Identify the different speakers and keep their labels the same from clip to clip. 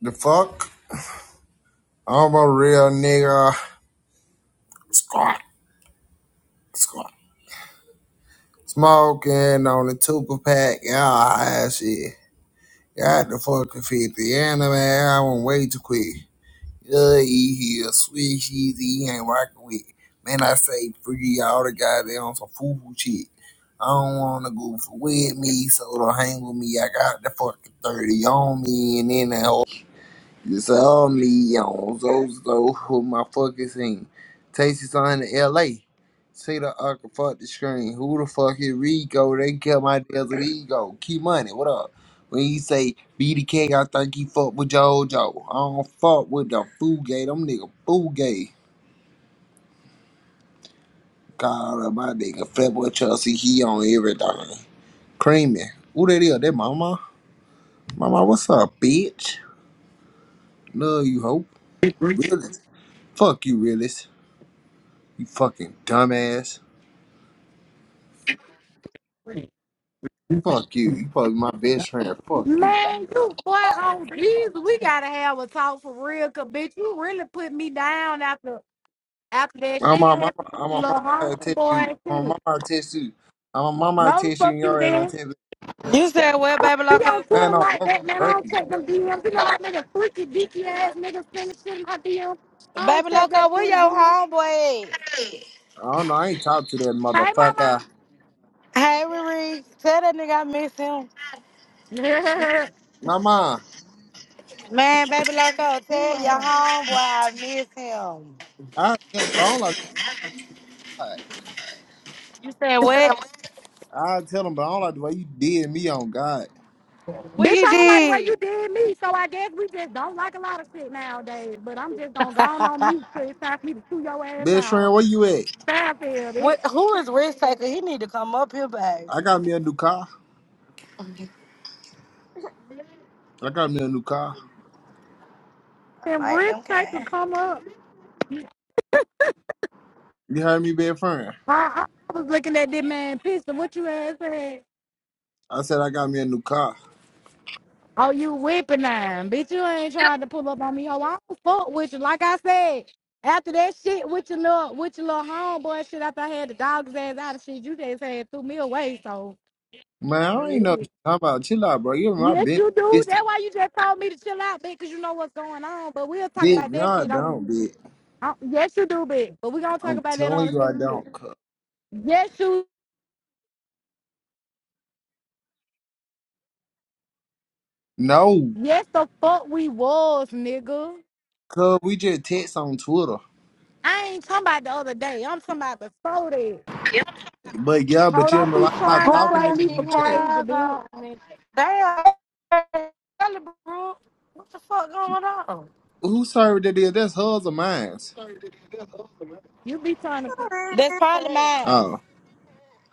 Speaker 1: The fuck? I'm a real nigga. Squawk, squawk. Smoking on the two pack. Yeah, all shit. Got the fucking 50 and the man, I went way too quick. Yeah, he here. Sweet cheesy. He ain't rocking with. Man, I say free all the guys goddamn on some foo foo shit. I don't want to goof with me, so don't hang with me. I got the fucking 30 on me, and then that whole It's only on those those who my fucking seen. Tasty son in LA. See the uncle fuck the screen. Who the fuck is Rico? They kill my deals with ego. Key money, what up? When he say BDK, I think he fuck with JoJo. I don't fuck with the fool gay. Them nigga fool gay. God, uh, my nigga Fatboy Chelsea, he on everything. Creamy. Who that is? That mama? Mama, what's up, bitch? Love you, hope.
Speaker 2: Man,
Speaker 1: Realist. Fuck you, realist. You fucking dumbass. Fuck you. You probably my best friend. Fuck you.
Speaker 2: you boy oh Jesus. We gotta have a talk for real, cause bitch, you really put me down after after that
Speaker 1: I'm
Speaker 2: shit
Speaker 1: my mama.
Speaker 2: happened with
Speaker 1: I'm
Speaker 2: your
Speaker 1: my mama.
Speaker 2: little
Speaker 1: I text you.
Speaker 2: homeboy and
Speaker 1: I'm my
Speaker 2: shit.
Speaker 1: mama. I text you. I'm my mama. I
Speaker 2: No the
Speaker 1: text you.
Speaker 2: fuck
Speaker 1: And
Speaker 2: you
Speaker 1: your ass.
Speaker 2: did.
Speaker 1: I text you.
Speaker 3: You said what, Baby
Speaker 2: He
Speaker 3: Loco?
Speaker 2: on Twitter
Speaker 1: Man, I'm
Speaker 2: like
Speaker 1: local
Speaker 2: that, man. I don't
Speaker 1: crazy.
Speaker 2: check them DMs. You know that nigga freaky dicky ass nigga sending shit in my DMs. I don't
Speaker 3: Baby
Speaker 2: check that
Speaker 3: Loco, where
Speaker 2: Twitter
Speaker 3: your
Speaker 2: DM.
Speaker 3: homeboy
Speaker 1: I don't know. I ain't talk to that
Speaker 2: Hey
Speaker 1: motherfucker.
Speaker 3: at? Hey, Riri, tell that nigga I miss him.
Speaker 2: mama.
Speaker 1: My mom.
Speaker 3: Man, Baby Loco, tell your
Speaker 2: Yeah.
Speaker 3: homeboy I miss him.
Speaker 1: I tell him, but I don't like God.
Speaker 3: You said what?
Speaker 1: I tell him, but I don't like the way you did me on God.
Speaker 3: What
Speaker 2: Bitch,
Speaker 3: he
Speaker 2: I don't like the way you
Speaker 3: did?
Speaker 2: did me, so I guess we just don't like a lot of shit nowadays. But I'm just gonna go on on mute till it's time for me to chew your ass
Speaker 1: Best friend,
Speaker 2: out.
Speaker 1: where you at?
Speaker 2: Fairfield, bitch.
Speaker 3: What? Who is risk taker? He need to come up here, babe.
Speaker 1: I got me a new car. I got me a new car.
Speaker 2: And
Speaker 3: Like
Speaker 2: risk
Speaker 3: them
Speaker 2: type to
Speaker 3: cat.
Speaker 2: come up.
Speaker 1: You heard me, best friend.
Speaker 2: I, I, was looking at this man pissed. and What you ass said?
Speaker 1: I said I got me a new car.
Speaker 2: Oh, you whipping him, bitch. You ain't trying to pull up on me, ho. I don't fuck with you. Like I said, after that shit with your little with your little homeboy shit, after I had the dog's ass out of shit, you just had threw me away. So
Speaker 1: Man,
Speaker 2: well,
Speaker 1: I
Speaker 2: it
Speaker 1: ain't
Speaker 2: is.
Speaker 1: know what you're talking about. Chill out, bro. You're my
Speaker 2: Yes, you do.
Speaker 1: business.
Speaker 2: That's why you just told me to chill out, bitch, because you know what's going on. But we'll talk
Speaker 1: Bitch,
Speaker 2: about
Speaker 1: no,
Speaker 2: that
Speaker 1: I
Speaker 2: shit on.
Speaker 1: don't, bitch.
Speaker 2: on yes, you do, bitch. But we're going to talk
Speaker 1: I'm
Speaker 2: about that on
Speaker 1: telling
Speaker 2: the
Speaker 1: you, I
Speaker 2: special shit.
Speaker 1: don't. Cuz.
Speaker 2: Yes, you.
Speaker 1: No,
Speaker 2: Yes, the fuck we was, nigga.
Speaker 1: cuz we just text on Twitter.
Speaker 2: I ain't talking about the other day. I'm talking about before that.
Speaker 1: But yeah, but
Speaker 2: Hold
Speaker 1: you
Speaker 2: on,
Speaker 1: remember, I
Speaker 2: be
Speaker 1: stopped
Speaker 2: trying to
Speaker 3: Why
Speaker 1: talking
Speaker 2: play
Speaker 1: in
Speaker 3: does
Speaker 1: the
Speaker 2: me
Speaker 3: she
Speaker 2: for
Speaker 1: group chat.
Speaker 2: crazy,
Speaker 3: have
Speaker 2: bitch.
Speaker 3: on me? Damn, bro. What the fuck going on?
Speaker 1: Who served that is? That's hers or mine's?
Speaker 2: You be trying to.
Speaker 3: That's probably mine.
Speaker 1: Oh,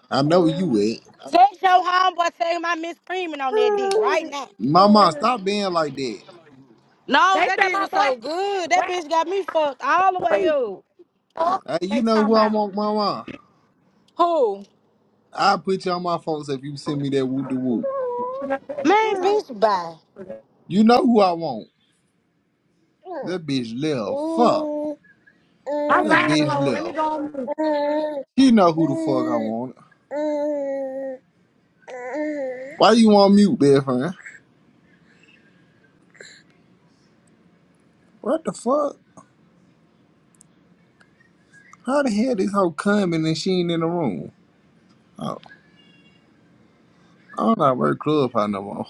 Speaker 1: I know where you
Speaker 2: Um,
Speaker 1: it.
Speaker 3: Text your homeboy, tell him I miss screaming on that dick right now.
Speaker 1: Mama,
Speaker 2: yeah.
Speaker 1: stop being like that.
Speaker 3: No,
Speaker 2: They
Speaker 3: that
Speaker 2: said
Speaker 3: dick
Speaker 2: my
Speaker 3: was
Speaker 2: boy
Speaker 3: so good. That
Speaker 2: rap
Speaker 3: bitch got me fucked all the way
Speaker 2: free.
Speaker 3: up.
Speaker 2: Fuck,
Speaker 1: Hey, you
Speaker 2: they
Speaker 1: know who
Speaker 2: talking
Speaker 1: I
Speaker 2: about.
Speaker 1: want, Mama.
Speaker 3: Who?
Speaker 1: I'll put you on my phone if you send me that woo de woo,
Speaker 3: Man, bitch, bye.
Speaker 1: You know who I want. That bitch left. Fuck.
Speaker 2: I'm
Speaker 1: That
Speaker 2: riding
Speaker 1: bitch
Speaker 2: home. Let me
Speaker 1: left.
Speaker 2: go on.
Speaker 1: She know who the fuck I want. Why you on mute, best friend? What the fuck? How the hell this hoe coming and she ain't in the room? Oh, I don't know how to work club no more.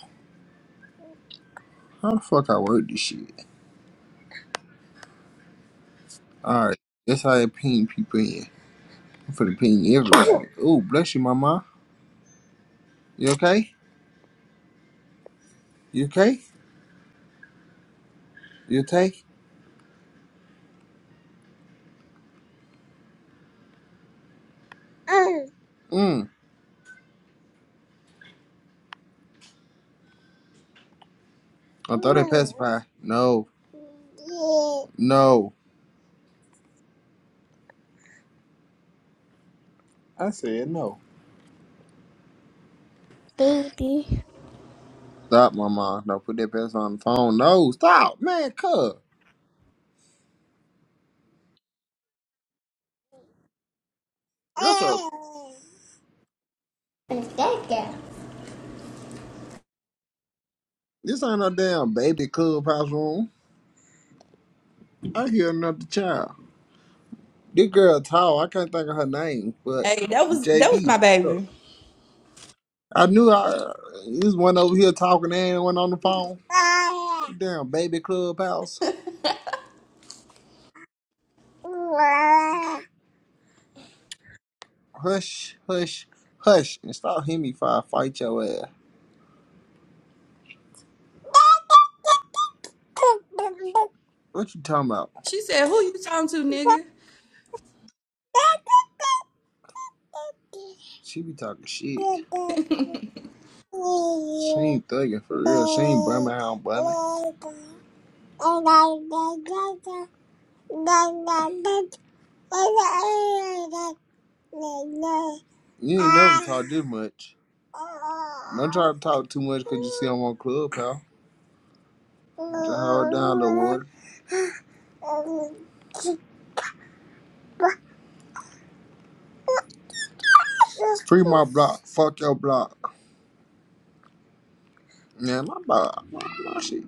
Speaker 1: How the fuck I work this shit? Alright, that's how I ping people in. I'm finna ping everybody. Oh, bless you, mama. You okay? You okay? You okay? Mm. I thought that pacifier. No. No. I said no.
Speaker 4: baby.
Speaker 1: Stop, mama. No, put that pacifier on the phone. No, stop, man. Cuz. That's up.
Speaker 4: Is that girl?
Speaker 1: This ain't no damn baby clubhouse room. I hear another child. This girl tall. I can't think of her name, but
Speaker 4: Hey, that was that was my
Speaker 1: JB.
Speaker 4: baby.
Speaker 1: I knew I. This one over here talking to anyone on the phone. Damn baby clubhouse. Hush, hush, hush, and stop hitting me if I fight your ass. What you talking about?
Speaker 4: She said, "Who you talking to, nigga?"
Speaker 1: She be talking shit. She ain't thugging for real. She ain't bumming out bumming. You ain't never talk this much. Don't try to talk too much because you see I'm on club, pal. Just hold down, little water. Free my block. Fuck your block. Man, my block. My, my shit.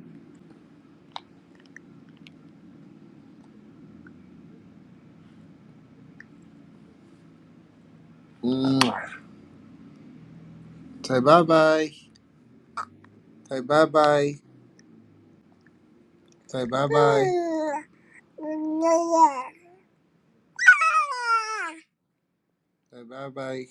Speaker 1: Mm. Say bye bye. Say bye bye. Say bye bye. Bye bye.